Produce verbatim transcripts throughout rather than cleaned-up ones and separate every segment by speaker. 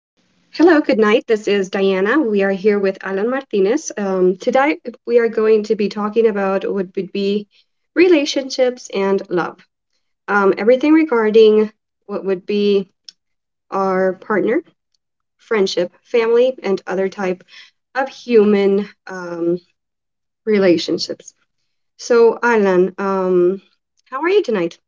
Speaker 1: Hello, good night. This is Diana. We are here with Alan Martinez. Um, today, we are going to be talking about what would be relationships and love. Um, everything regarding what would be our partner, friendship, family, and other type of human um, relationships. So, Alan, um, how are you tonight?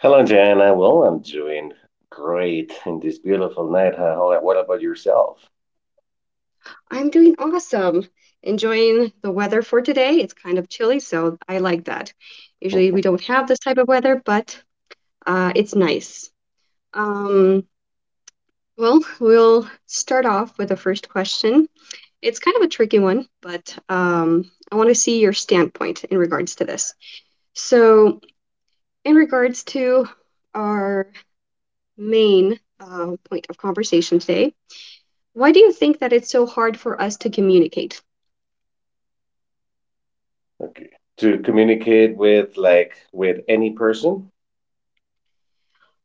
Speaker 2: Hello, Jana. Well, I'm doing great in this beautiful night. How, how- what about yourself?
Speaker 1: I'm doing awesome. Enjoying the weather for today. It's kind of chilly, so I like that. Usually we don't have this type of weather, but uh, it's nice. Um, well, we'll start off with the first question. It's kind of a tricky one, but um, I want to see your standpoint in regards to this. So, in regards to our main uh, point of conversation today, why do you think that it's so hard for us to communicate?
Speaker 2: Okay. To communicate with, like, with any person?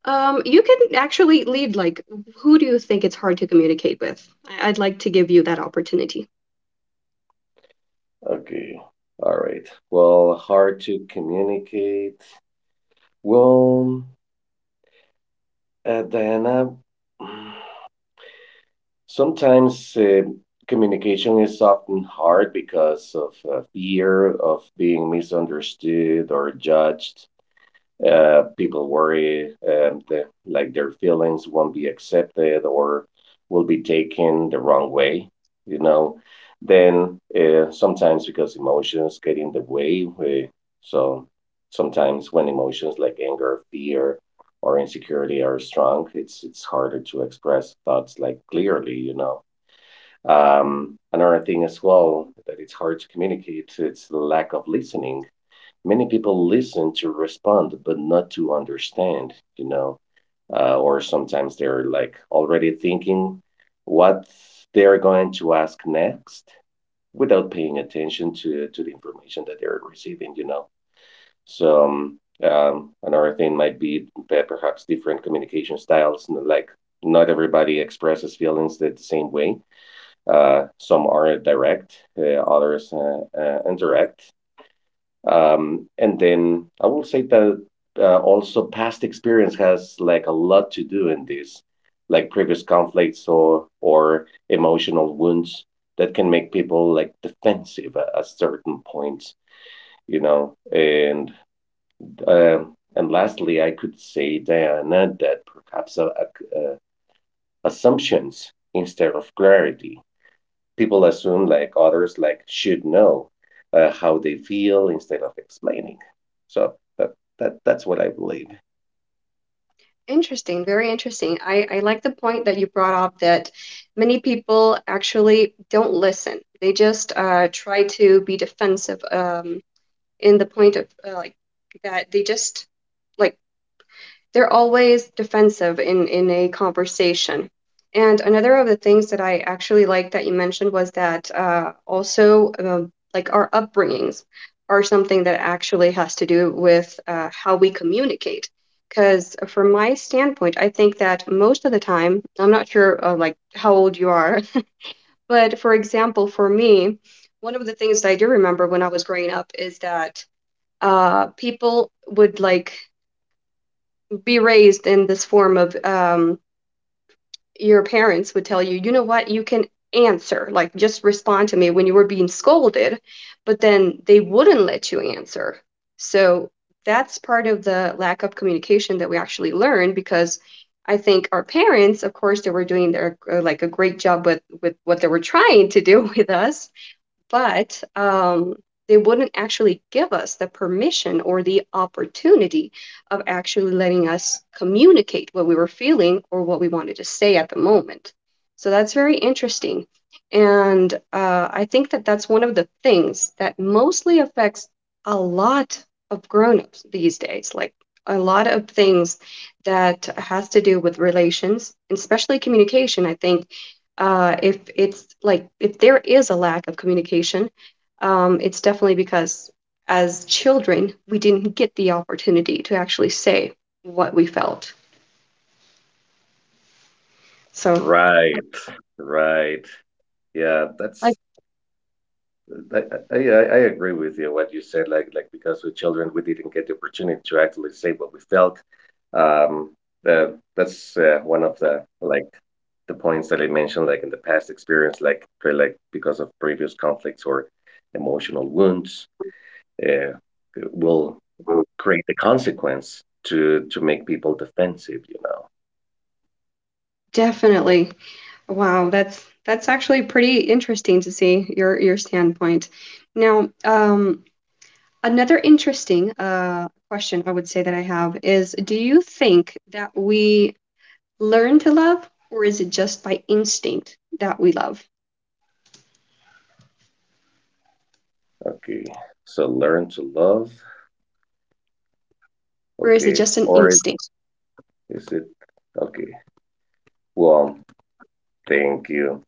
Speaker 1: Um, you can actually lead, like, who do you think it's hard to communicate with? I- I'd like to give you that opportunity.
Speaker 2: Okay. All right. Well, hard to communicate. Well, uh, Diana, mm, sometimes uh, communication is often hard because of uh, fear of being misunderstood or judged. Uh, people worry, um, the, like, their feelings won't be accepted or will be taken the wrong way you know then uh, sometimes because emotions get in the way uh, So sometimes when emotions like anger, fear, or insecurity are strong, it's it's harder to express thoughts, like, clearly you know um, Another thing as well, that it's hard to communicate, it's the lack of listening. Many people listen to respond but not to understand. You know uh, or sometimes they're, like, already thinking what they're going to ask next without paying attention to to the information that they're receiving. you know so um, um, Another thing might be, pe- perhaps, different communication styles, n- like, not everybody expresses feelings the the same way. Uh, some are direct, uh, others uh, uh, indirect. Um, and then I will say that uh, also past experience has, like, a lot to do in this, like previous conflicts or or emotional wounds that can make people, like, defensive at, at certain points, you know. And um and lastly, I could say, Diana, that perhaps uh, ac- uh, assumptions instead of clarity, people assume, like, others, like, should know uh, how they feel instead of explaining. So that, that that's what I believe.
Speaker 1: Interesting, very interesting. I, I like the point that you brought up that many people actually don't listen. They just uh, try to be defensive um, in the point of uh, like that they just like they're always defensive in in a conversation. And another of the things that I actually like that you mentioned was that uh, also, um, like, our upbringings are something that actually has to do with uh, how we communicate. Because from my standpoint, I think that most of the time, I'm not sure uh, like how old you are, but for example, for me, one of the things that I do remember when I was growing up is that uh, people would like be raised in this form of um, your parents would tell you, you know what, you can answer, like just respond to me when you were being scolded, but then they wouldn't let you answer. So that's part of the lack of communication that we actually learn because I think our parents, of course, they were doing their uh, like a great job with with what they were trying to do with us, but um, they wouldn't actually give us the permission or the opportunity of actually letting us communicate what we were feeling or what we wanted to say at the moment. So that's very interesting. And uh, I think that that's one of the things that mostly affects a lot of grown-ups these days, like a lot of things that has to do with relations, and especially communication. I think uh, if it's like if there is a lack of communication, um, it's definitely because as children we didn't get the opportunity to actually say what we felt. So
Speaker 2: Right, right. Yeah,
Speaker 1: like,
Speaker 2: that's, I, I I I agree with you what you said. Like like, because with children we didn't get the opportunity to actually say what we felt. Um, uh, that's uh, one of the, like, the points that I mentioned. Like, in the past experience, like, pre- like because of previous conflicts or emotional wounds, uh, will create the consequence to to make people defensive, you know.
Speaker 1: definitely, wow, that's that's actually pretty interesting to see your your standpoint. Now, um, another interesting uh, question I would say that I have is, do you think that we learn to love, or is it just by instinct that we love?
Speaker 2: Okay. So, learn to love.
Speaker 1: Or is it
Speaker 2: Okay.
Speaker 1: just an
Speaker 2: Or is,
Speaker 1: instinct?
Speaker 2: is it okay? Well, thank you.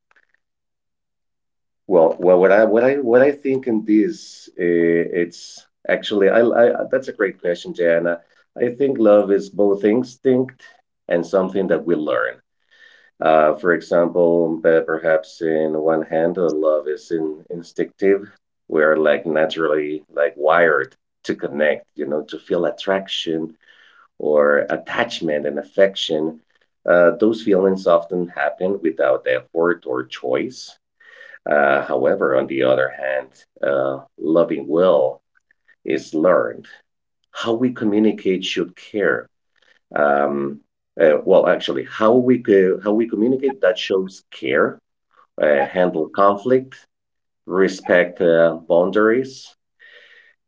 Speaker 2: Well well what i what i what i think in this, uh, it's actually, I, I that's a great question, Jana. I think love is both instinct and something that we learn. Uh, for example, uh, perhaps, in one hand, uh, love is in instinctive. We're, like, naturally, like, wired to connect, you know, to feel attraction or attachment and affection. Uh, those feelings often happen without effort or choice. Uh, however, on the other hand, uh, loving will is learned. How we communicate should care, um, uh, well, actually, how we co- how we communicate, that shows care, uh, handle conflict, respect, uh, boundaries,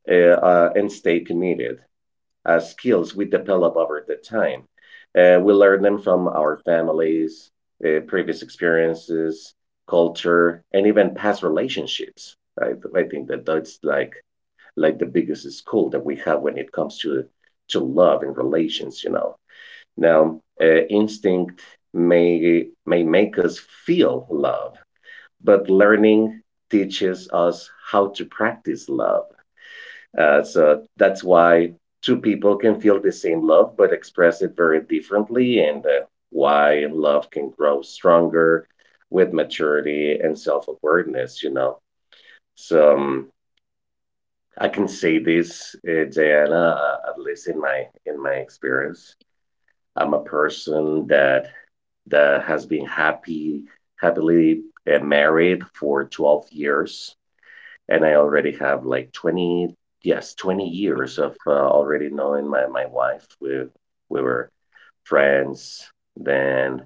Speaker 2: uh, uh, and stay committed. Uh, skills we develop over the time. Uh, we learn them from our families, uh, previous experiences, culture, and even past relationships. I, I think that that's, like like the biggest school that we have when it comes to to love and relations. You know. Now, uh, instinct may may make us feel love, but learning teaches us how to practice love. Uh, so, that's why two people can feel the same love but express it very differently, and uh, why love can grow stronger with maturity and self awareness. You know. So, um, I can say this, uh, Diana, uh, at least in my in my experience. I'm a person that that has been happy happily uh, married for twelve years, and I already have, like, twenty, yes, twenty years of uh, already knowing my my wife. We we were friends, then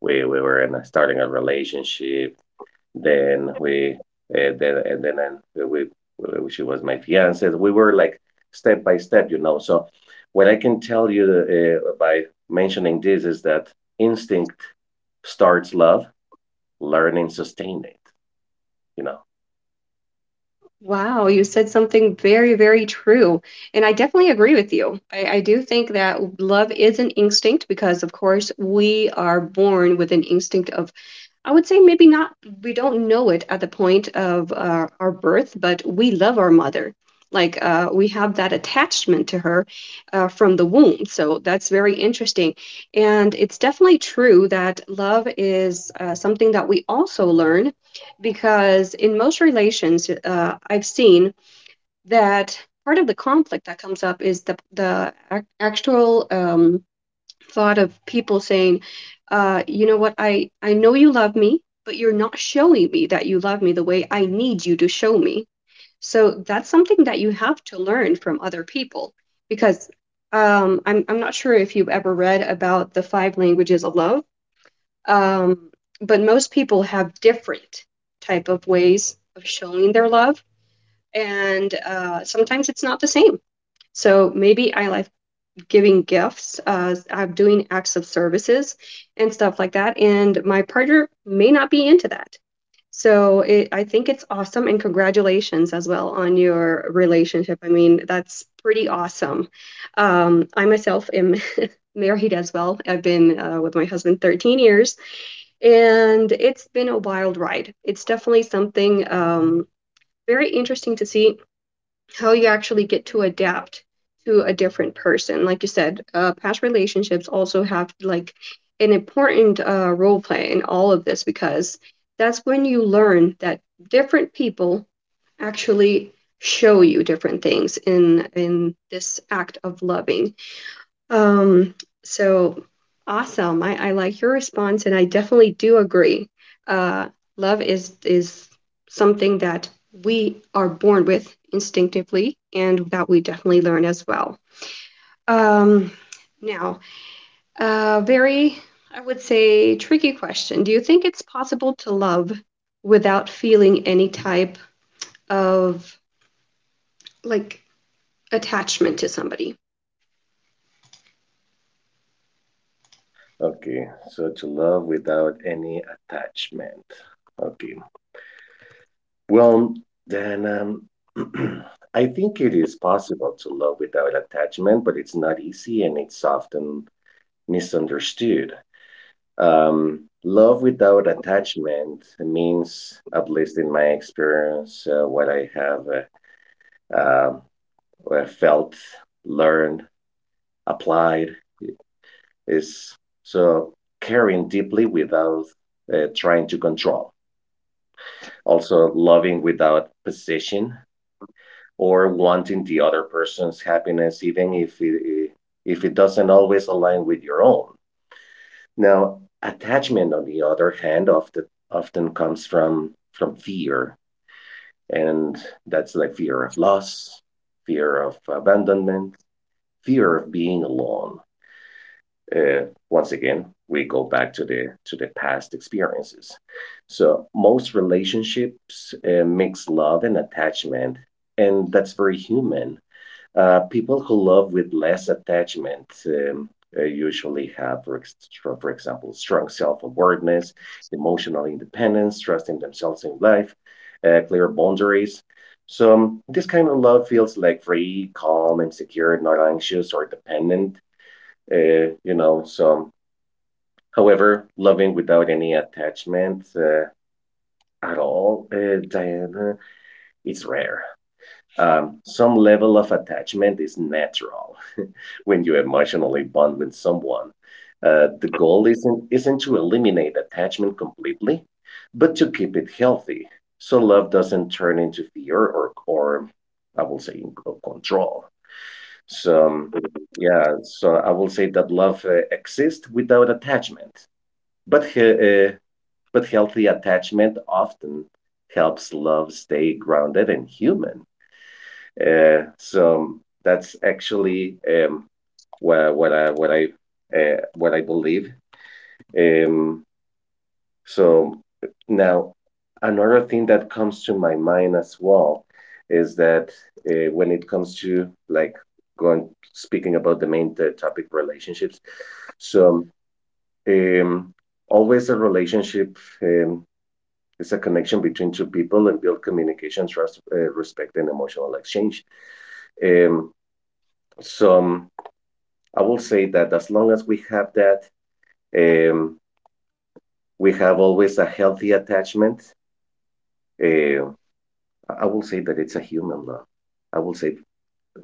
Speaker 2: we we were in a, starting a relationship, then we, uh, then and then and we, we, she was my fiance. We were, like, step by step, you know. So, what I can tell you, uh, by mentioning this, is that instinct starts love, learn and sustain it. You know.
Speaker 1: Wow, you said something very, very true. And I definitely agree with you. I, I do think that love is an instinct because, of course, we are born with an instinct of. I would say maybe not, we don't know it at the point of uh, our birth, but we love our mother. Like uh, we have that attachment to her uh, from the womb. So that's very interesting. And it's definitely true that love is uh, something that we also learn because in most relations, uh, I've seen that part of the conflict that comes up is the, the ac- actual. Um, a lot of people saying, uh, you know what, I, I know you love me, but you're not showing me that you love me the way I need you to show me. So that's something that you have to learn from other people because um, I'm, I'm not sure if you've ever read about the five languages of love, um, but most people have different type of ways of showing their love. And uh, sometimes it's not the same. So maybe I, like giving gifts, uh, I'm doing acts of services and stuff like that. And my partner may not be into that. So it, I think it's awesome. And congratulations as well on your relationship. I mean, that's pretty awesome. Um, I myself am married as well. I've been uh, with my husband thirteen years, and it's been a wild ride. It's definitely something um, very interesting to see how you actually get to adapt to a different person. Like you said, uh, past relationships also have like an important uh, role play in all of this because that's when you learn that different people actually show you different things in in this act of loving, um, so awesome. I, I like your response and I definitely do agree. Uh, love is is something that we are born with instinctively and that we definitely learn as well. Um, Now, uh, very, I would say, tricky question. Do you think it's possible to love without feeling any type of like attachment to somebody?
Speaker 2: Okay. So, to love without any attachment. Okay. Well, then, um, I think it is possible to love without attachment, but it's not easy and it's often misunderstood. Um, love without attachment means, at least in my experience, uh, what I have uh, uh, what I felt, learned, applied, is so caring deeply without uh, trying to control. Also, loving without possession, or wanting the other person's happiness, even if it, if it doesn't always align with your own. Now, attachment, on the other hand, often often comes from from fear, and that's the fear of loss, fear of abandonment, fear of being alone. Uh, once again, we go back to the to the past experiences. So, most relationships uh, mix love and attachment, and that's very human. Uh, people who love with less attachment um, uh, usually have, for, ex- for example, strong self awareness, emotional independence, trusting themselves in life, uh, clear boundaries. So, um, this kind of love feels, like, free, calm, and secure, not anxious or dependent. Uh, you know, so, um, However, loving without any attachment uh, at all, uh, Diana, it's rare. Um, some level of attachment is natural when you emotionally bond with someone. Uh, the goal isn't isn't to eliminate attachment completely, but to keep it healthy, so love doesn't turn into fear or or I will say c- control. So, um, yeah, so I will say that love uh, exists without attachment, but he- uh, but healthy attachment often helps love stay grounded and human. Uh, so, that's actually, um, what what I what I uh, what I believe. Um, so now, another thing that comes to my mind as well is that uh, when it comes to, like, going speaking about the main uh, topic, relationships. So, um, always, a relationship um, is a connection between two people, and build communication, trust, uh, respect, and emotional exchange. Um, So um, I will say that as long as we have that, um, we have always a healthy attachment. Uh, I I will say that it's a human love. I will say,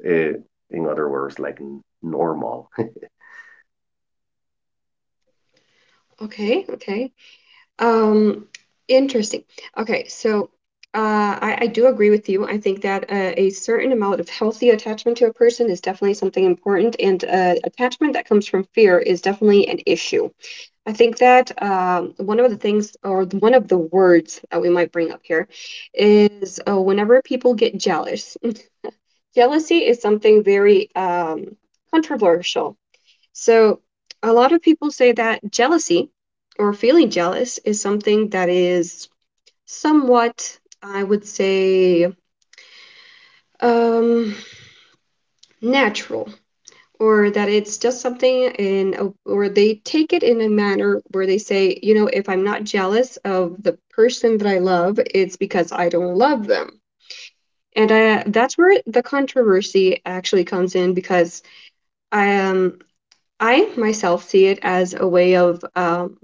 Speaker 2: uh, in other words, like, n- normal.
Speaker 1: Okay, okay. Um, Interesting. Okay, so uh, I, I do agree with you. I think that uh, a certain amount of healthy attachment to a person is definitely something important, and uh, attachment that comes from fear is definitely an issue. I think that um, one of the things, or th- one of the words that we might bring up here, is uh, whenever people get jealous. Jealousy is something very um, controversial, so a lot of people say that jealousy or feeling jealous is something that is somewhat, I would say, um, natural, or that it's just something in, a, or they take it in a manner where they say, you know, if I'm not jealous of the person that I love, it's because I don't love them. And I, that's where the controversy actually comes in because I, um, I myself see it as a way of, um,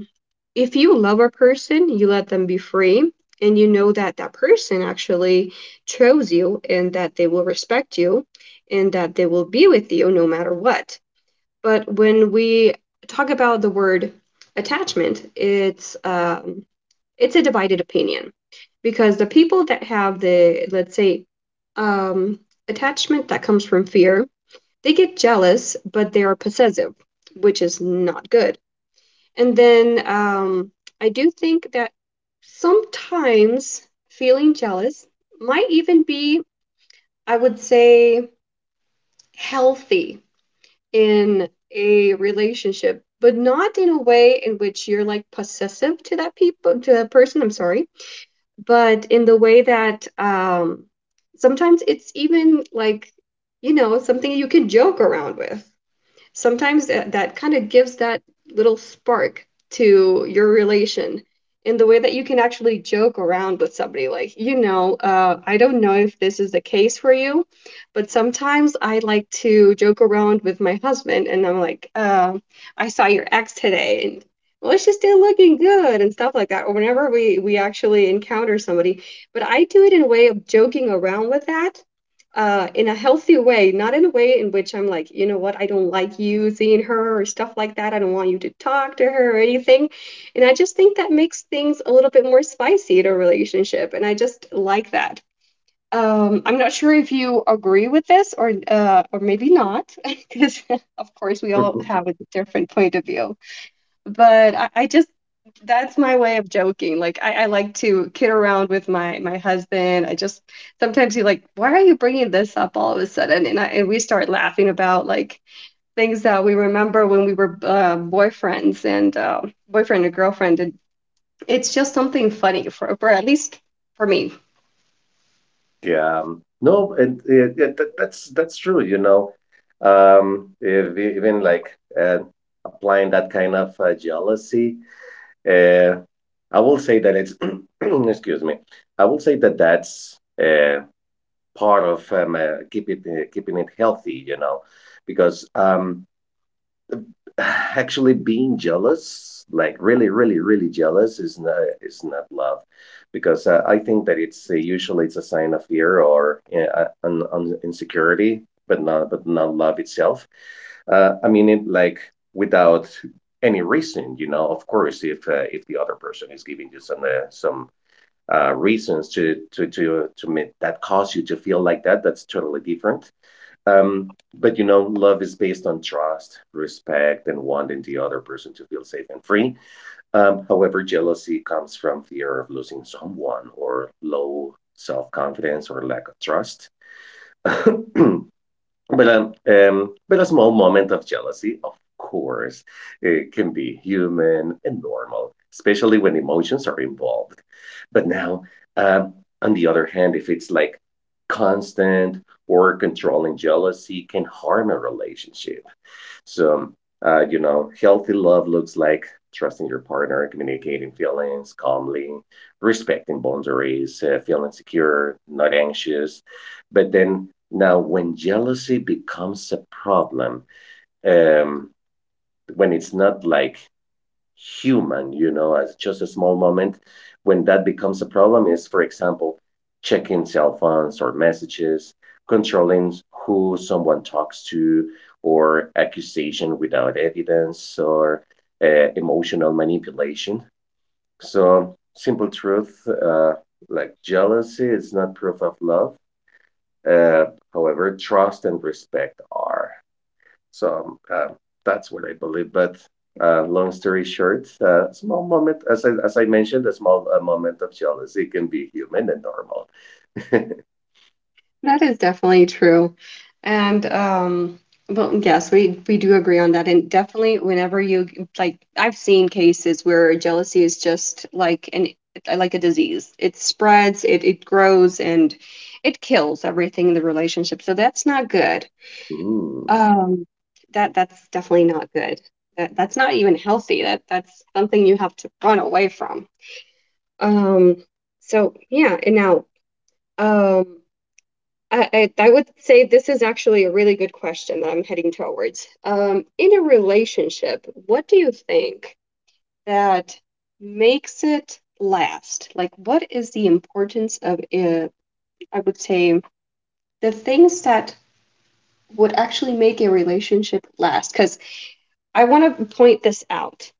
Speaker 1: if you love a person, you let them be free and you know that that person actually chose you and that they will respect you and that they will be with you no matter what. But when we talk about the word attachment, it's um, it's a divided opinion because the people that have the, let's say, um, attachment that comes from fear, they get jealous, but they are possessive, which is not good, and then um, I do think that sometimes feeling jealous might even be, I would say, healthy in a relationship, but not in a way in which you're like possessive to that people to that person. I'm sorry, but in the way that um, sometimes it's even like you know something you can joke around with sometimes that, that kind of gives that little spark to your relation in the way that you can actually joke around with somebody, like you know uh, I don't know if this is the case for you, but sometimes I like to joke around with my husband, and I'm like, uh, I saw your ex today and, well, she's still looking good and stuff like that, or whenever we we actually encounter somebody. But I do it in a way of joking around with that, uh, in a healthy way, not in a way in which I'm like, you know what, I don't like you seeing her or stuff like that. I don't want you to talk to her or anything. And I just think that makes things a little bit more spicy in a relationship. And I just like that. Um, I'm not sure if you agree with this or uh, or maybe not, because of course we all have a different point of view, but I, I just that's my way of joking. Like I, I like to kid around with my my husband. I just sometimes he's like, "Why are you bringing this up all of a sudden?" And I and we start laughing about, like, things that we remember when we were uh, boyfriends and uh, boyfriend and girlfriend. And it's just something funny for, for at least for me.
Speaker 2: Yeah. Um, no, it, it, it, that, that's that's true. You know. Um, if, e- even, like, uh, applying that kind of uh, jealousy, uh, I will say that it's excuse me. I will say that that's uh, part of, um, uh, keep it uh, keeping it healthy, you know, because um, actually, being jealous, like really, really, really jealous, is not is not love, because uh, I think that it's, uh, usually, it's a sign of fear or uh, uh, un, un, insecurity, but not but not love itself. Uh, I mean it like without any reason, you know. Of course, if uh, if the other person is giving you some uh, some uh, reasons to to to to make, that cause you to feel like that, that's totally different. Um, but, you know, love is based on trust, respect, and wanting the other person to feel safe and free. Um, however, jealousy comes from fear of losing someone, or low self confidence, or lack of trust. But um, um, but a small moment of jealousy, of course, it can be human and normal, especially when emotions are involved. But now, um, on the other hand, if it's, like, constant or controlling, jealousy can harm a relationship. So, uh, you know, healthy love looks like trusting your partner, communicating feelings calmly, respecting boundaries, uh, feeling secure, not anxious. But then now, when jealousy becomes a problem, um, when it's not, like, human, you know, as just a small moment. When that becomes a problem is, for example, checking cell phones or messages, controlling who someone talks to, or accusation without evidence, or uh, emotional manipulation. So, simple truth, uh, like, jealousy is not proof of love. Uh, However, trust and respect are. So, uh, that's what I believe. But, uh, long story short, uh, small moment, as I, as I mentioned, a small uh, moment of jealousy, can be human and normal.
Speaker 1: That is definitely true. And um well, yes, we we do agree on that. And definitely whenever you, like, I've seen cases where jealousy is just like an like a disease. It spreads, it it grows and it kills everything in the relationship. So that's not good.
Speaker 2: Ooh,
Speaker 1: Um that that's definitely not good. That that's not even healthy. That that's something you have to run away from. Um so yeah, and now um I, I I would say this is actually a really good question that I'm heading towards. Um, in a relationship, what do you think that makes it last? Like, what is the importance of it? I would say the things that would actually make a relationship last. Because I want to point this out.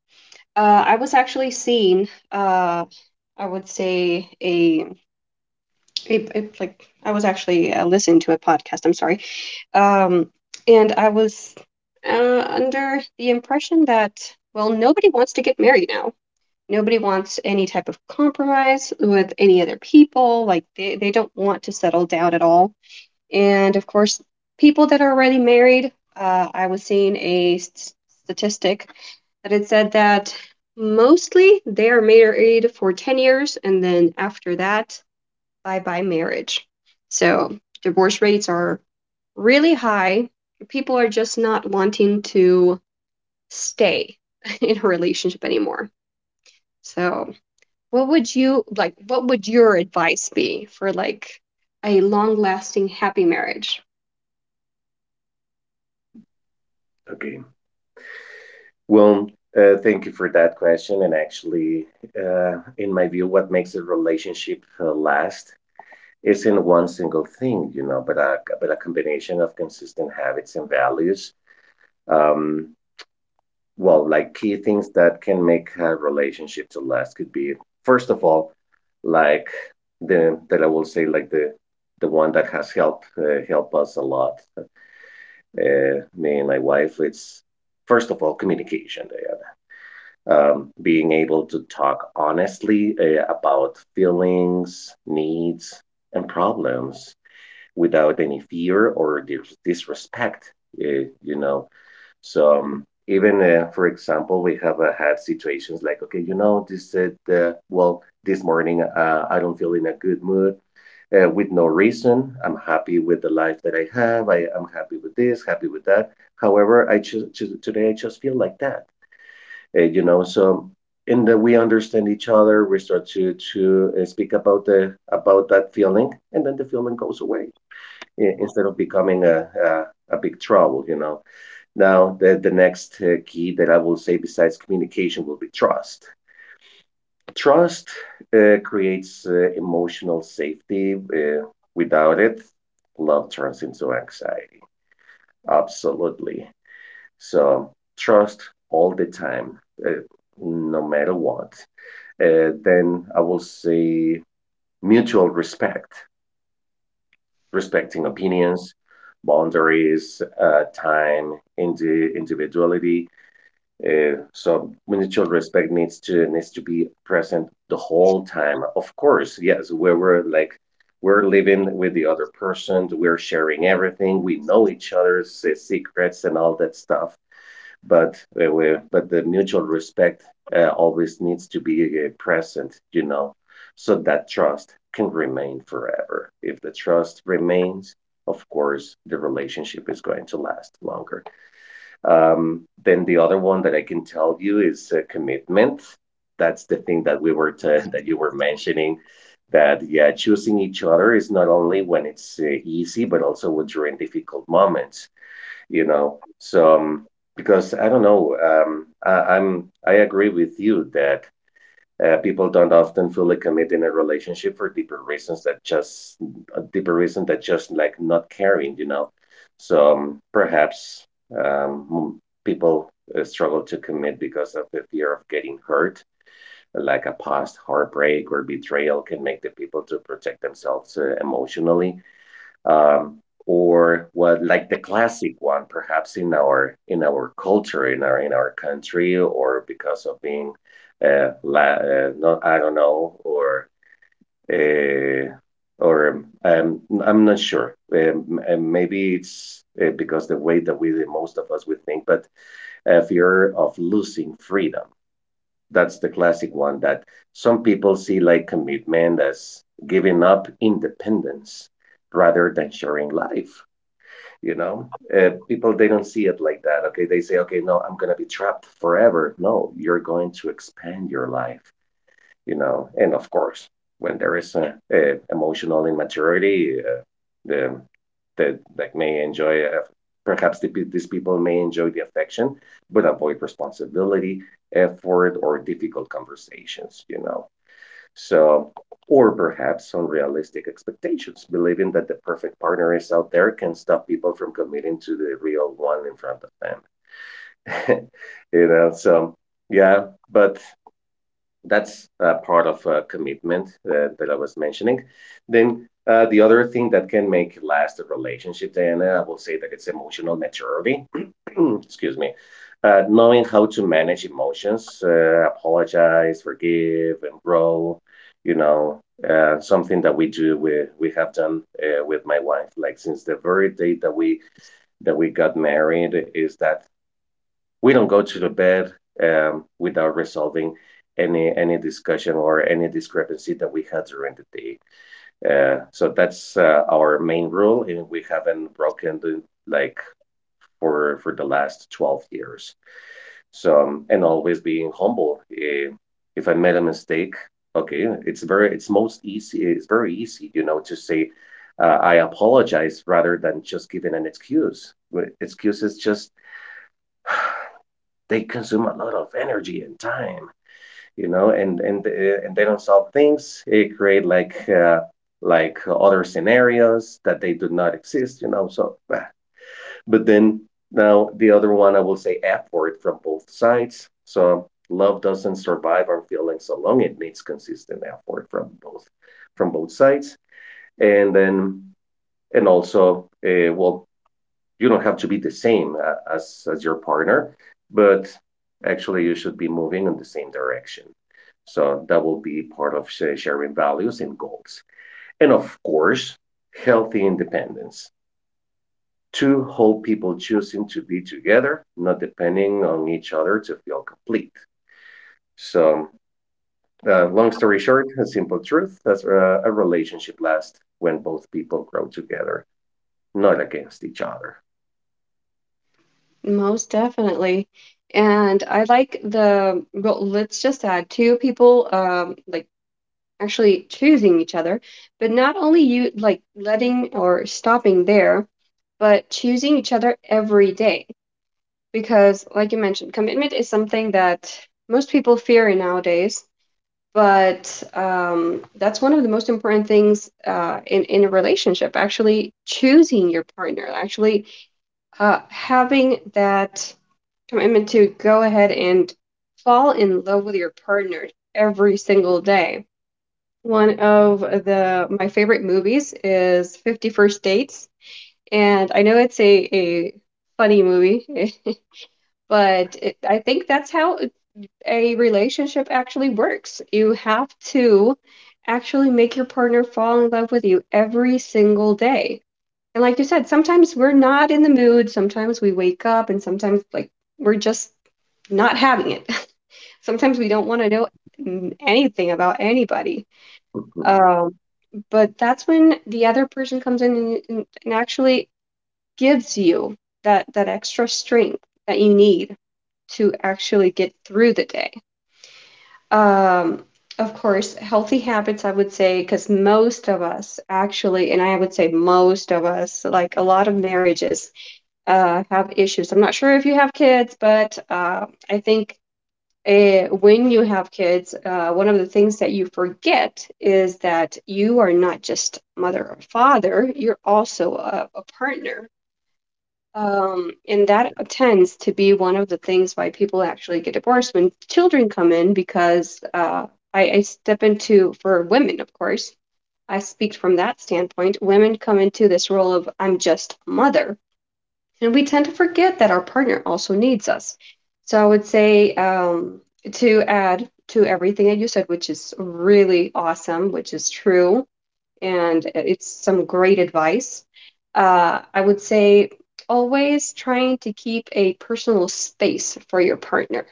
Speaker 1: Uh, I was actually seeing, uh, I would say a, a, a like I was actually uh, listening to a podcast. I'm sorry. Um, and I was uh, under the impression that, well, nobody wants to get married now. Nobody wants any type of compromise with any other people. Like, they, they don't want to settle down at all. And of course, people that are already married, uh, I was seeing a s- statistic that it said that mostly they are married for ten years, and then after that, bye bye marriage. So divorce rates are really high. People are just not wanting to stay in a relationship anymore. So, what would you like, what would your advice be for like a long-lasting happy marriage?
Speaker 2: okay. Well, uh, thank you for that question. And actually, uh, in my view, what makes a relationship uh, last isn't one single thing, you know, but a but a combination of consistent habits and values. Um, well, like, key things that can make a relationship to last could be, first of all, like, the that I will say, like, the the one that has helped uh, help us a lot, uh, me and my wife. It's, first of all, communication, Diana. Um, being able to talk honestly uh, about feelings, needs, and problems without any fear or dis- disrespect. Uh, you know, so, um, even, uh, for example, we have uh, had situations like, okay, you know, this said, uh, well, this morning uh, I don't feel in a good mood, uh, with no reason. I'm happy with the life that I have. I am happy with this, happy with that. However, I choose today. I just feel like that. Uh, you know, so in that we understand each other. We start to to uh, speak about the about that feeling, and then the feeling goes away i- instead of becoming a a, a big trouble. You know. Now, the, the next uh, key that I will say, besides communication, will be trust. Trust uh, creates uh, emotional safety. Uh, without it, love turns into anxiety. Absolutely. So, trust all the time, uh, no matter what. Uh, then I will say mutual respect: respecting opinions, boundaries, uh, time, indi- individuality. Uh, so mutual respect needs to needs to be present the whole time. Of course, yes, where we're like we're living with the other person, we're sharing everything, we know each other's uh, secrets and all that stuff. But uh, we, but the mutual respect uh, always needs to be uh, present, you know, so that trust can remain forever. If the trust remains, of course, the relationship is going to last longer. Um, then the other one that I can tell you is uh, commitment. That's the thing that we were t- that you were mentioning. That, yeah, choosing each other is not only when it's uh, easy, but also when during difficult moments. You know, so um, because I don't know, um, I, I'm I agree with you that uh, people don't often fully commit in a relationship for deeper reasons that just a deeper reason that just like not caring, you know. So um, perhaps um, hmm, people uh, struggle to commit because of the fear of getting hurt, like a past heartbreak or betrayal can make the people to protect themselves uh, emotionally. Um, or what like the classic one, perhaps in our in our culture, in our in our country, or because of being uh, la- uh not, I don't know, or uh, or um, I'm not sure. Um, uh, maybe it's uh, because the way that we, most of us, we think, but a fear of losing freedom. That's the classic one, that some people see like commitment as giving up independence rather than sharing life. You know, uh, people, they don't see it like that. Okay, they say, okay, no, I'm going to be trapped forever. No, you're going to expand your life, you know. And of course, when there is a, a emotional immaturity, uh, the that like, may enjoy, uh, perhaps the, these people may enjoy the affection, but avoid responsibility, effort, or difficult conversations. You know, so, or perhaps unrealistic expectations, believing that the perfect partner is out there can stop people from committing to the real one in front of them. You know, so, yeah, but that's uh, part of uh, commitment that, that I was mentioning. Then uh, the other thing that can make last a relationship, Diana, I will say that it's emotional maturity. Excuse me. Uh, knowing how to manage emotions, uh, apologize, forgive, and grow. You know, uh, something that we do, we we have done uh, with my wife, like since the very day that we that we got married, is that we don't go to the bed um, without resolving any any discussion or any discrepancy that we had during the day. Uh, so that's uh, our main rule, and we haven't broken the, like for for the last twelve years. So um, and always being humble. Eh, if I made a mistake, okay, it's very— it's most easy. It's very easy, you know, to say, Uh, I apologize, rather than just giving an excuse. Wh- Excuses just, they consume a lot of energy and time, you know, and and uh, and they don't solve things. It create like uh, like other scenarios that they do not exist, you know, so ah. But then now the other one I will say effort from both sides. So love doesn't survive on feelings long. It needs consistent effort from both, from both sides. And then, and also, uh, well, you don't have to be the same uh, as as your partner, but actually you should be moving in the same direction. So that will be part of sharing values and goals, and of course, healthy independence. Two whole people choosing to be together, not depending on each other to feel complete. So, uh, long story short, a simple truth: that's uh, a relationship lasts when both people grow together, not against each other.
Speaker 1: Most definitely. And I like the, well, let's just add two people um like actually choosing each other, but not only you like letting or stopping there, but choosing each other every day. Because like you mentioned, commitment is something that most people fear nowadays, but um that's one of the most important things uh in in a relationship, actually choosing your partner, actually uh having that commitment to go ahead and fall in love with your partner every single day. One of the my favorite movies is Fifty First Dates, and I know it's a, a funny movie, but it, I think that's how a relationship actually works. You have to actually make your partner fall in love with you every single day. And like you said, sometimes we're not in the mood, sometimes we wake up, and sometimes like we're just not having it. Sometimes we don't want to know n- anything about anybody. Um, but that's when the other person comes in and, and and actually gives you that that extra strength that you need to actually get through the day. Um, of course, healthy habits, I would say, because most of us actually, and I would say most of us, like a lot of marriages, uh, have issues. I'm not sure if you have kids, but uh, I think eh, when you have kids, uh, one of the things that you forget is that you are not just mother or father, you're also a, a partner. Um, and that tends to be one of the things why people actually get divorced when children come in, because uh, I, I step into, for women, of course, I speak from that standpoint. Women come into this role of, I'm just a mother, and we tend to forget that our partner also needs us. So I would say um, to add to everything that you said, which is really awesome, which is true, and it's some great advice. Uh, I would say always trying to keep a personal space for your partner.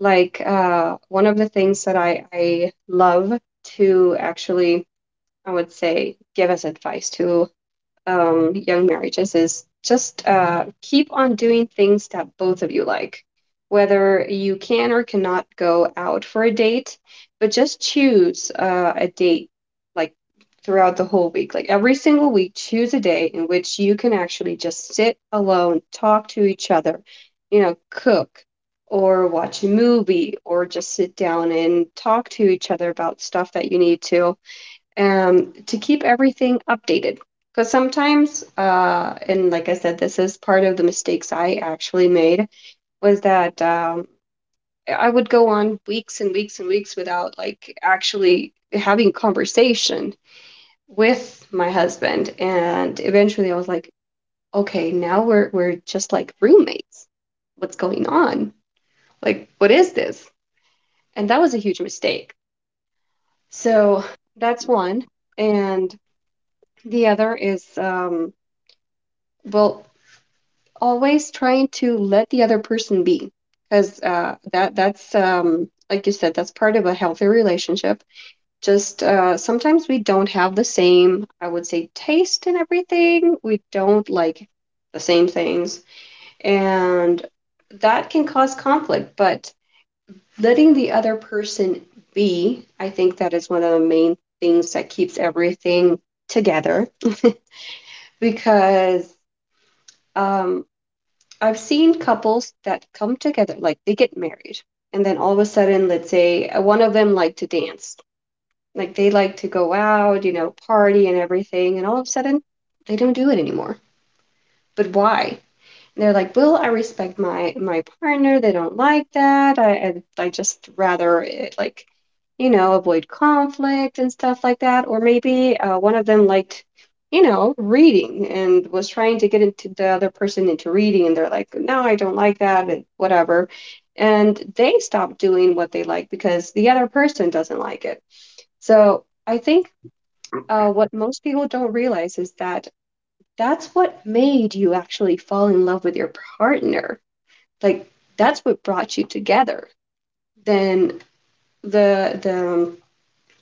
Speaker 1: Like uh, one of the things that I, I love to actually, I would say, give as advice to um, young marriages is just uh, keep on doing things that both of you like, whether you can or cannot go out for a date, but just choose uh, a date like throughout the whole week. Like every single week, choose a day in which you can actually just sit alone, talk to each other, you know, cook or watch a movie or just sit down and talk to each other about stuff that you need to um, to keep everything updated. Because sometimes, uh, and like I said, this is part of the mistakes I actually made was that um, I would go on weeks and weeks and weeks without like actually having conversation with my husband, and eventually I was like, okay, now we're we're just like roommates. What's going on? Like, what is this? And that was a huge mistake. So that's one. And the other is um, well, always trying to let the other person be, because uh, that that's um, like you said, that's part of a healthy relationship. Just uh, sometimes we don't have the same, I would say, taste in everything. We don't like the same things, and that can cause conflict. But letting the other person be, I think that is one of the main things that keeps everything together, because um, I've seen couples that come together, like they get married, and then all of a sudden, let's say uh, one of them like to dance, like they like to go out, you know, party and everything, and all of a sudden they don't do it anymore. But why? They're like, "Well, I respect my my partner. They don't like that. I I, I just rather it, like, you know, avoid conflict and stuff like that." Or maybe uh, one of them liked, you know, reading and was trying to get into the other person into reading, and they're like, "No, I don't like that. And whatever." And they stop doing what they like because the other person doesn't like it. So I think uh, what most people don't realize is that that's what made you actually fall in love with your partner, like that's what brought you together. Then the the um,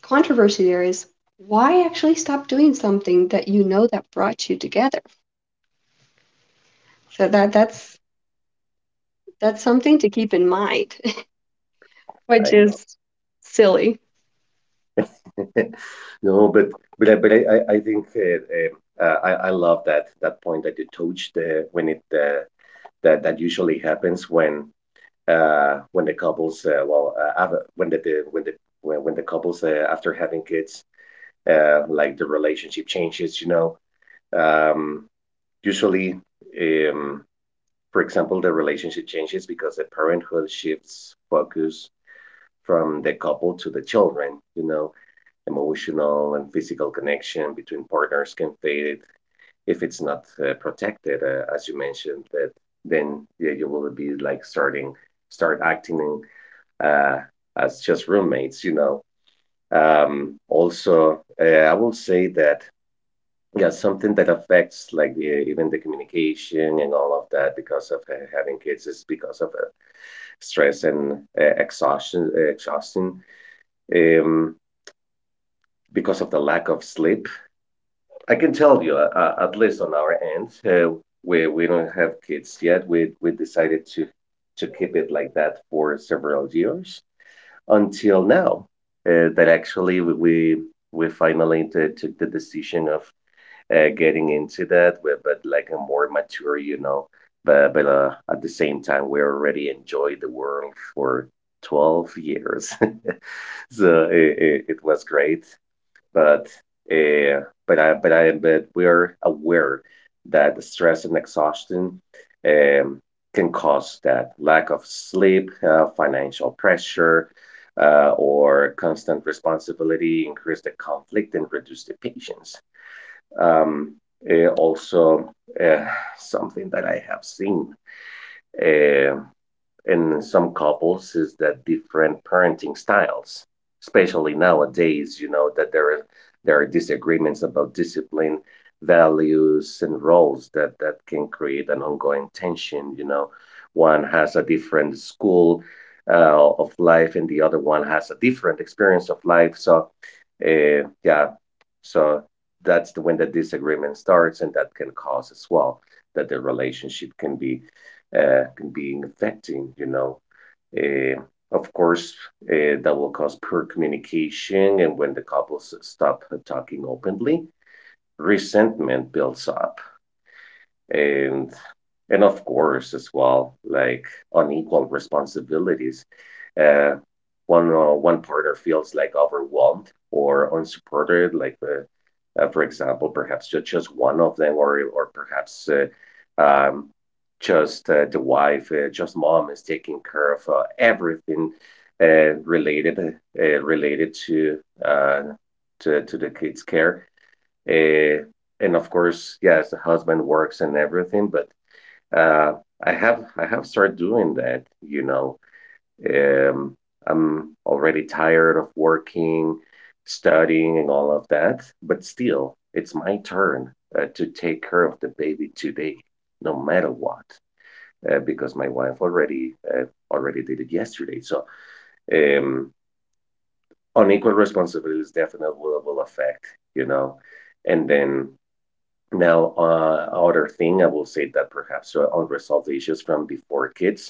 Speaker 1: controversy there is why actually stop doing something that you know that brought you together? So that that's that's something to keep in mind,
Speaker 2: I
Speaker 1: which
Speaker 2: know.
Speaker 1: is silly.
Speaker 2: No, but but I but I I I think uh, um, uh, I I love that that point that you touched, uh, when it uh, that that usually happens when, uh when the couples uh, well, uh, have a- when the, the when the when, when the couples uh, after having kids uh like the relationship changes, you know. um Usually, um for example, the relationship changes because the parenthood shifts focus from the couple to the children, you know. Emotional and physical connection between partners can fade if it's not uh, protected, uh, as you mentioned. That then, yeah, you will be like starting start acting uh, as just roommates, you know. Um, also, uh, I will say that, yeah, something that affects like the even the communication and all of that because of uh, having kids is because of uh, stress and uh, exhaustion, exhaustion, um, because of the lack of sleep. I can tell you, uh, uh, at least on our end, uh, we we don't have kids yet. We we decided to to keep it like that for several years until now. Uh, that actually we we we finally t- took the decision of uh, getting into that, but but like a more mature, you know. But but uh, at the same time, we already enjoyed the world for twelve years. So it, it, it was great, but uh, but I but I but we're aware that the stress and exhaustion um, can cause that lack of sleep, uh, financial pressure, uh, or constant responsibility, increase the conflict, and reduce the patience. Um, eh, also, uh, something that I have seen um in some couples is that different parenting styles, especially nowadays, you know, that there are, there are disagreements about discipline, values, and roles that that can create an ongoing tension, you know. One has a different school uh, of life and the other one has a different experience of life, so, uh, yeah, so that's the— when the disagreement starts, and that can cause as well that the relationship can be uh, can be affecting, you know. Uh, of course, uh, that will cause poor communication, and when the couples stop talking openly, resentment builds up, and and of course as well, like, unequal responsibilities. uh one uh, one partner feels like overwhelmed or unsupported, like the, uh, for example, perhaps just just one of them, or or perhaps, uh, um just uh, the wife, uh, just mom is taking care of uh, everything uh, related uh, related to uh to, to the kids' care. uh, and of course, yes, the husband works and everything, but uh, I have I have started doing that, you know. Um, I'm already tired of working, studying, and all of that, but still, it's my turn uh, to take care of the baby today, no matter what, uh, because my wife already uh, already did it yesterday. So, um, unequal responsibilities definitely will, will affect, you know. And then now, uh, other thing I will say, that perhaps uh, unresolved issues from before kids,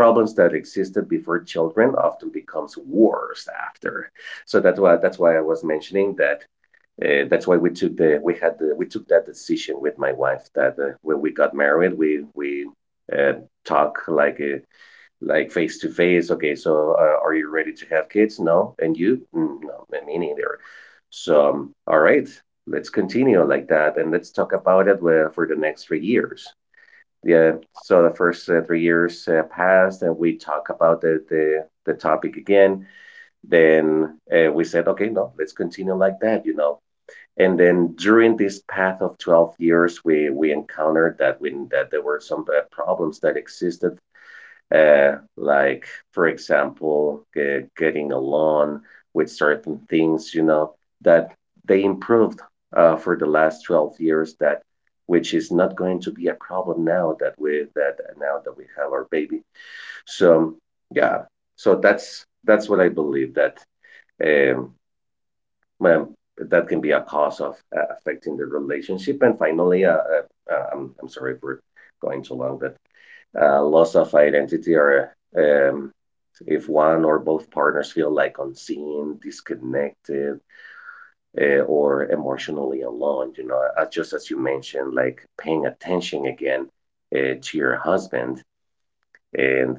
Speaker 2: problems that existed before children often becomes worse after. So that's why, that's why I was mentioning that. Uh, that's why we took the— we had the— we took that decision with my wife, that uh, when we got married, we we uh, talk like uh, like face to face. Okay, so uh, are you ready to have kids? No, and you? Mm, no, me neither. So, um, all right, let's continue like that, and let's talk about it where- for the next three years. Yeah, so the first uh, three years uh, passed, and we talk about the the, the topic again. Then uh, we said, okay, no, let's continue like that, you know. And then during this path of twelve years, we we encountered that we that there were some uh, problems that existed uh, like for example, uh, getting along with certain things, you know, that they improved uh, for the last twelve years, that which is not going to be a problem now that we that now that we have our baby. So yeah, so that's that's what I believe, that um, well, that can be a cause of uh, affecting the relationship. And finally, uh, uh, uh, I'm, I'm sorry for going too long, but uh, loss of identity, or um, if one or both partners feel like unseen, disconnected, uh, or emotionally alone, you know, uh, just as you mentioned, like paying attention again uh, to your husband, and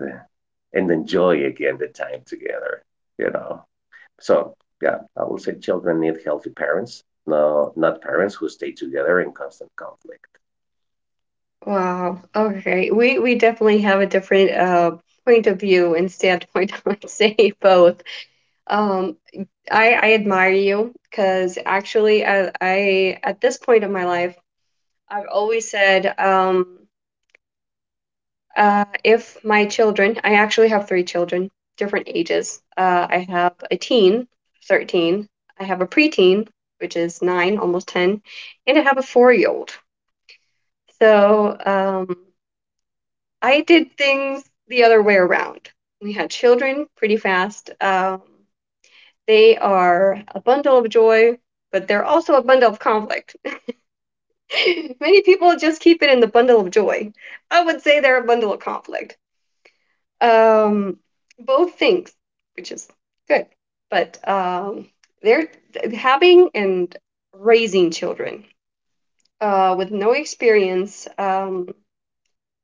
Speaker 2: and enjoy again the time together, you know. So yeah, I will say children need healthy parents, no, not parents who stay together in constant conflict.
Speaker 1: Wow. Okay. We we definitely have a different uh point of view and standpoint, I would say, both. Um I I admire you because actually I I at this point of my life, I've always said, um Uh, if my children, I actually have three children, different ages. Uh, I have a teen, thirteen. I have a preteen, which is nine, almost 10, and I have a four year old. So um, I did things the other way around. We had children pretty fast. Um, they are a bundle of joy, but they're also a bundle of conflict. Many people just keep it in the bundle of joy. I would say they're a bundle of conflict. um, Both things, which is good. But um, they're having and raising children uh, with no experience um,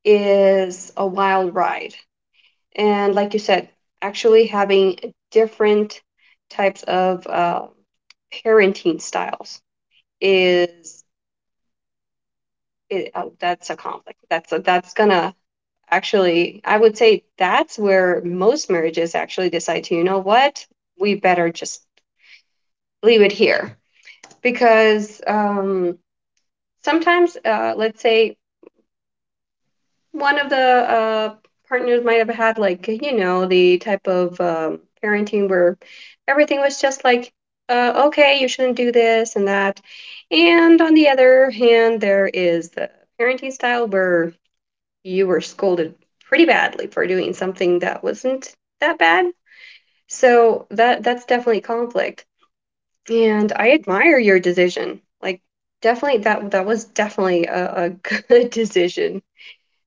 Speaker 1: is a wild ride. And like you said, actually having different types of uh, parenting styles is it, uh, that's a conflict. That's a, that's gonna— actually, I would say that's where most marriages actually decide to, you know what, we better just leave it here. Because um, sometimes, uh, let's say, one of the uh, partners might have had, like, you know, the type of um, parenting where everything was just like, uh, okay, you shouldn't do this and that. And on the other hand, there is the parenting style where you were scolded pretty badly for doing something that wasn't that bad. So that that's definitely conflict. And I admire your decision. Like definitely that that was definitely a, a good decision.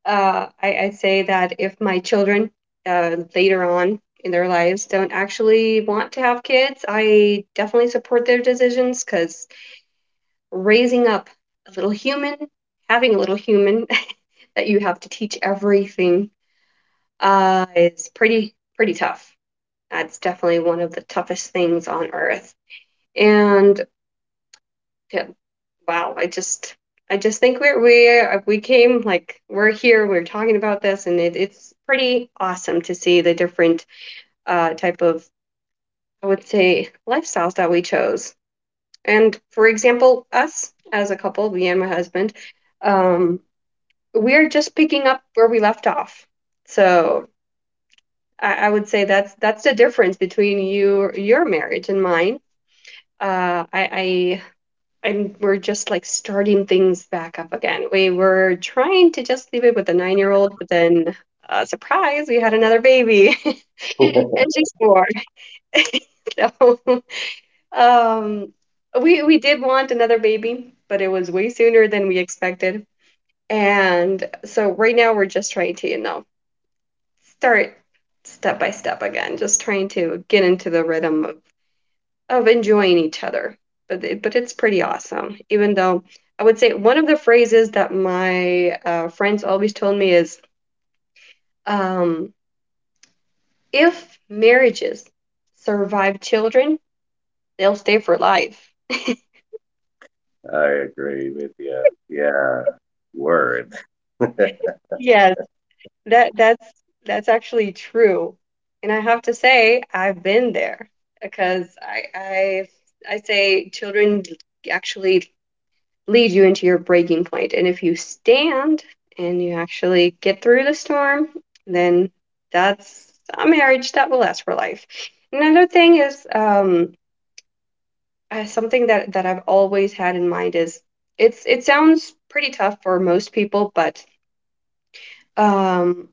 Speaker 1: Uh, I, I'd say that if my children uh, later on in their lives don't actually want to have kids, I definitely support their decisions because raising up a little human, having a little human that you have to teach everything uh, is pretty pretty tough. That's definitely one of the toughest things on earth. And yeah, wow, I just I just think we're we we came like we're here, we're talking about this, and it, it's pretty awesome to see the different uh, type of, I would say, lifestyles that we chose. And for example, us as a couple, me and my husband, um, we're just picking up where we left off. So I, I would say that's that's the difference between you, your marriage, and mine. Uh, I, and we're just like starting things back up again. We were trying to just leave it with a nine year old, but then uh, surprise, we had another baby, and she's four. So, um, we we did want another baby, but it was way sooner than we expected. And so right now we're just trying to, you know, start step by step again, just trying to get into the rhythm of of enjoying each other. But it- but it's pretty awesome. Even though I would say one of the phrases that my uh, friends always told me is, um, if marriages survive children, they'll stay for life.
Speaker 2: I agree with you. Yeah, word.
Speaker 1: Yes, that that's that's actually true. And I have to say, I've been there because I I I say children actually lead you into your breaking point. And if you stand and you actually get through the storm, then that's a marriage that will last for life. Another thing is um, uh, something that, that I've always had in mind is it's it sounds pretty tough for most people, but um,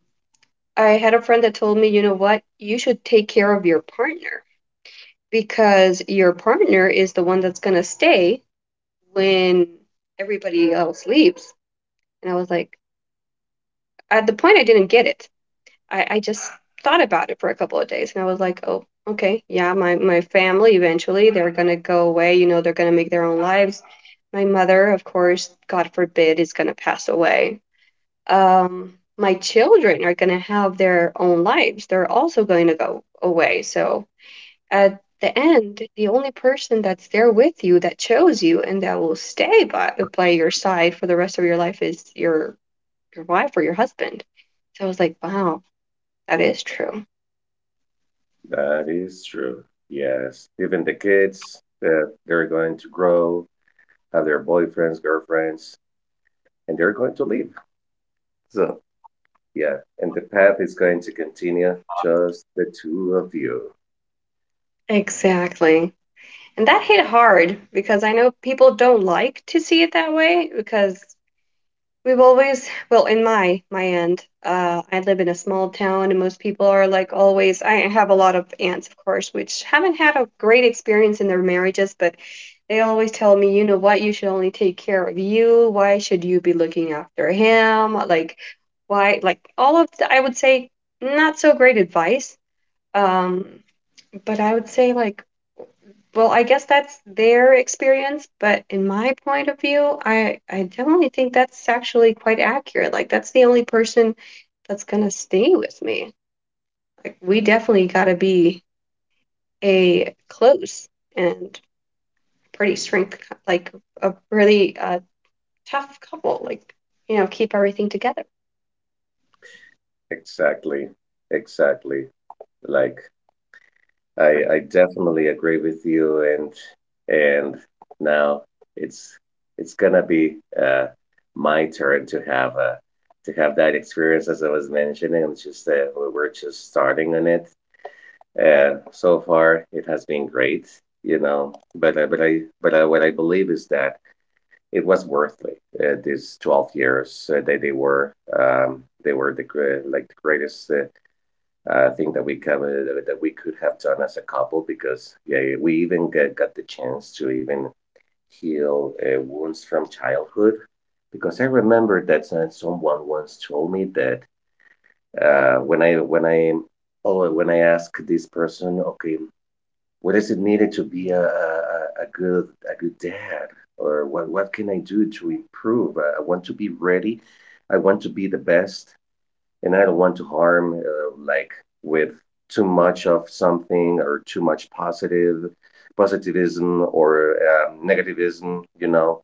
Speaker 1: I had a friend that told me, you know what, you should take care of your partner because your partner is the one that's gonna stay when everybody else leaves. And I was like, at the point I didn't get it. I, I just thought about it for a couple of days and I was like, oh, okay, yeah, my, my family eventually they're gonna go away, you know, they're gonna make their own lives. My mother, of course, God forbid, is gonna pass away. Um, my children are gonna have their own lives. They're also going to go away. So at the end, the only person that's there with you that chose you and that will stay by by your side for the rest of your life is your your wife or your husband. So I was like, wow, that is true.
Speaker 2: That is true. Yes. Even the kids that they're going to grow, have their boyfriends, girlfriends, and they're going to leave. So, yeah. And the path is going to continue just the two of you.
Speaker 1: Exactly. And that hit hard because I know people don't like to see it that way because we've always, well, in my my end, uh, I live in a small town, and most people are like always. I have a lot of aunts, of course, which haven't had a great experience in their marriages, but they always tell me, you know what, you should only take care of you. Why should you be looking after him? Like, why? Like all of the, I would say, not so great advice. Um, but I would say like, well, I guess that's their experience, but in my point of view, I I definitely think that's actually quite accurate. Like that's the only person that's gonna stay with me. Like we definitely gotta be a close and pretty strength, cou- like a really uh, tough couple. Like, you know, keep everything together.
Speaker 2: Exactly. Exactly. Like I I definitely agree with you. And and now it's it's gonna be uh my turn to have a to have that experience, as I was mentioning. I'm just uh, we we're just starting on it, and so far it has been great, you know, but I but i but I, what I believe is that it was worth it, uh, these twelve years, uh, they, they were um, they were the gre- like the greatest uh, uh, thing that we come, uh, that we could have done as a couple, because yeah, we even got got the chance to even heal uh, wounds from childhood. Because I remember that uh, someone once told me that, uh, when i when i oh when i asked this person, okay, what is it needed to be a, a, a good a good dad, or what what can I do to improve? I, I want to be ready. I want to be the best, and I don't want to harm, uh, like with too much of something, or too much positive positivism or um, negativism, you know.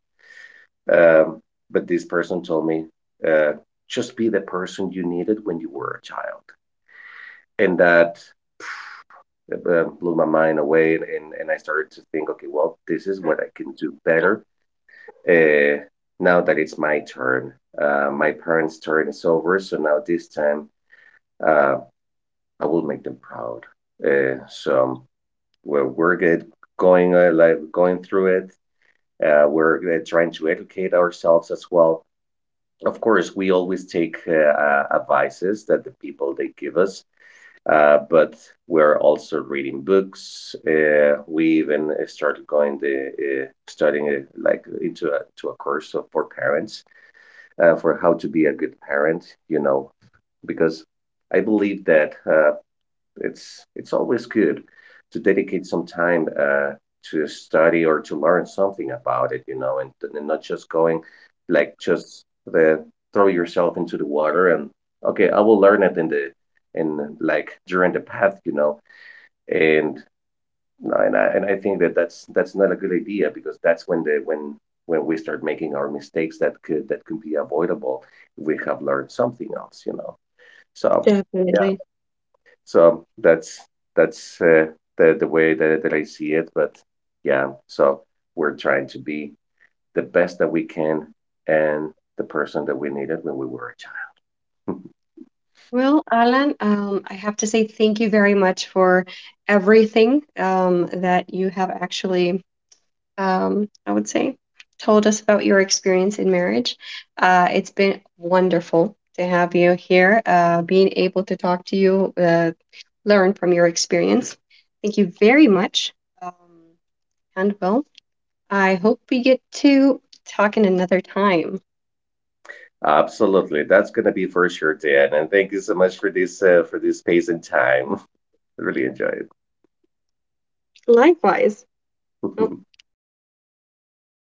Speaker 2: Um, but this person told me, uh, just be the person you needed when you were a child, and that uh, blew my mind away. And, and, and i started to think, okay, well, this is what I can do better uh, now that it's my turn. Uh, my parents' turn is over, so now this time uh, I will make them proud. Uh, so we're, we're good going, uh, like going through it. Uh, we're uh, trying to educate ourselves as well. Of course, we always take uh, uh, advices that the people they give us, uh, but we're also reading books. Uh, we even uh, started going the uh, studying, uh, like into a to a course of, for parents, uh, for how to be a good parent. You know, because I believe that uh, it's it's always good to dedicate some time uh, to study or to learn something about it, you know, and, and not just going like just the throw yourself into the water and, okay, I will learn it in the in like during the path, you know. And no, and I and I think that that's that's not a good idea, because that's when the when when we start making our mistakes that could that could be avoidable if we have learned something else, you know. So
Speaker 1: Definitely.
Speaker 2: so that's that's uh, the the way that, that I see it. But yeah, so we're trying to be the best that we can, and the person that we needed when we were a child.
Speaker 1: Well, Alan, um, I have to say thank you very much for everything um, that you have actually um, I would say, told us about your experience in marriage. Uh, it's been wonderful to have you here, uh, being able to talk to you, uh, learn from your experience. Thank you very much. Um, and well, I hope we get to talk in another time.
Speaker 2: Absolutely, that's gonna be for sure, Dan. And thank you so much for this uh, for this space and time. I really enjoy it.
Speaker 1: Likewise. Oh,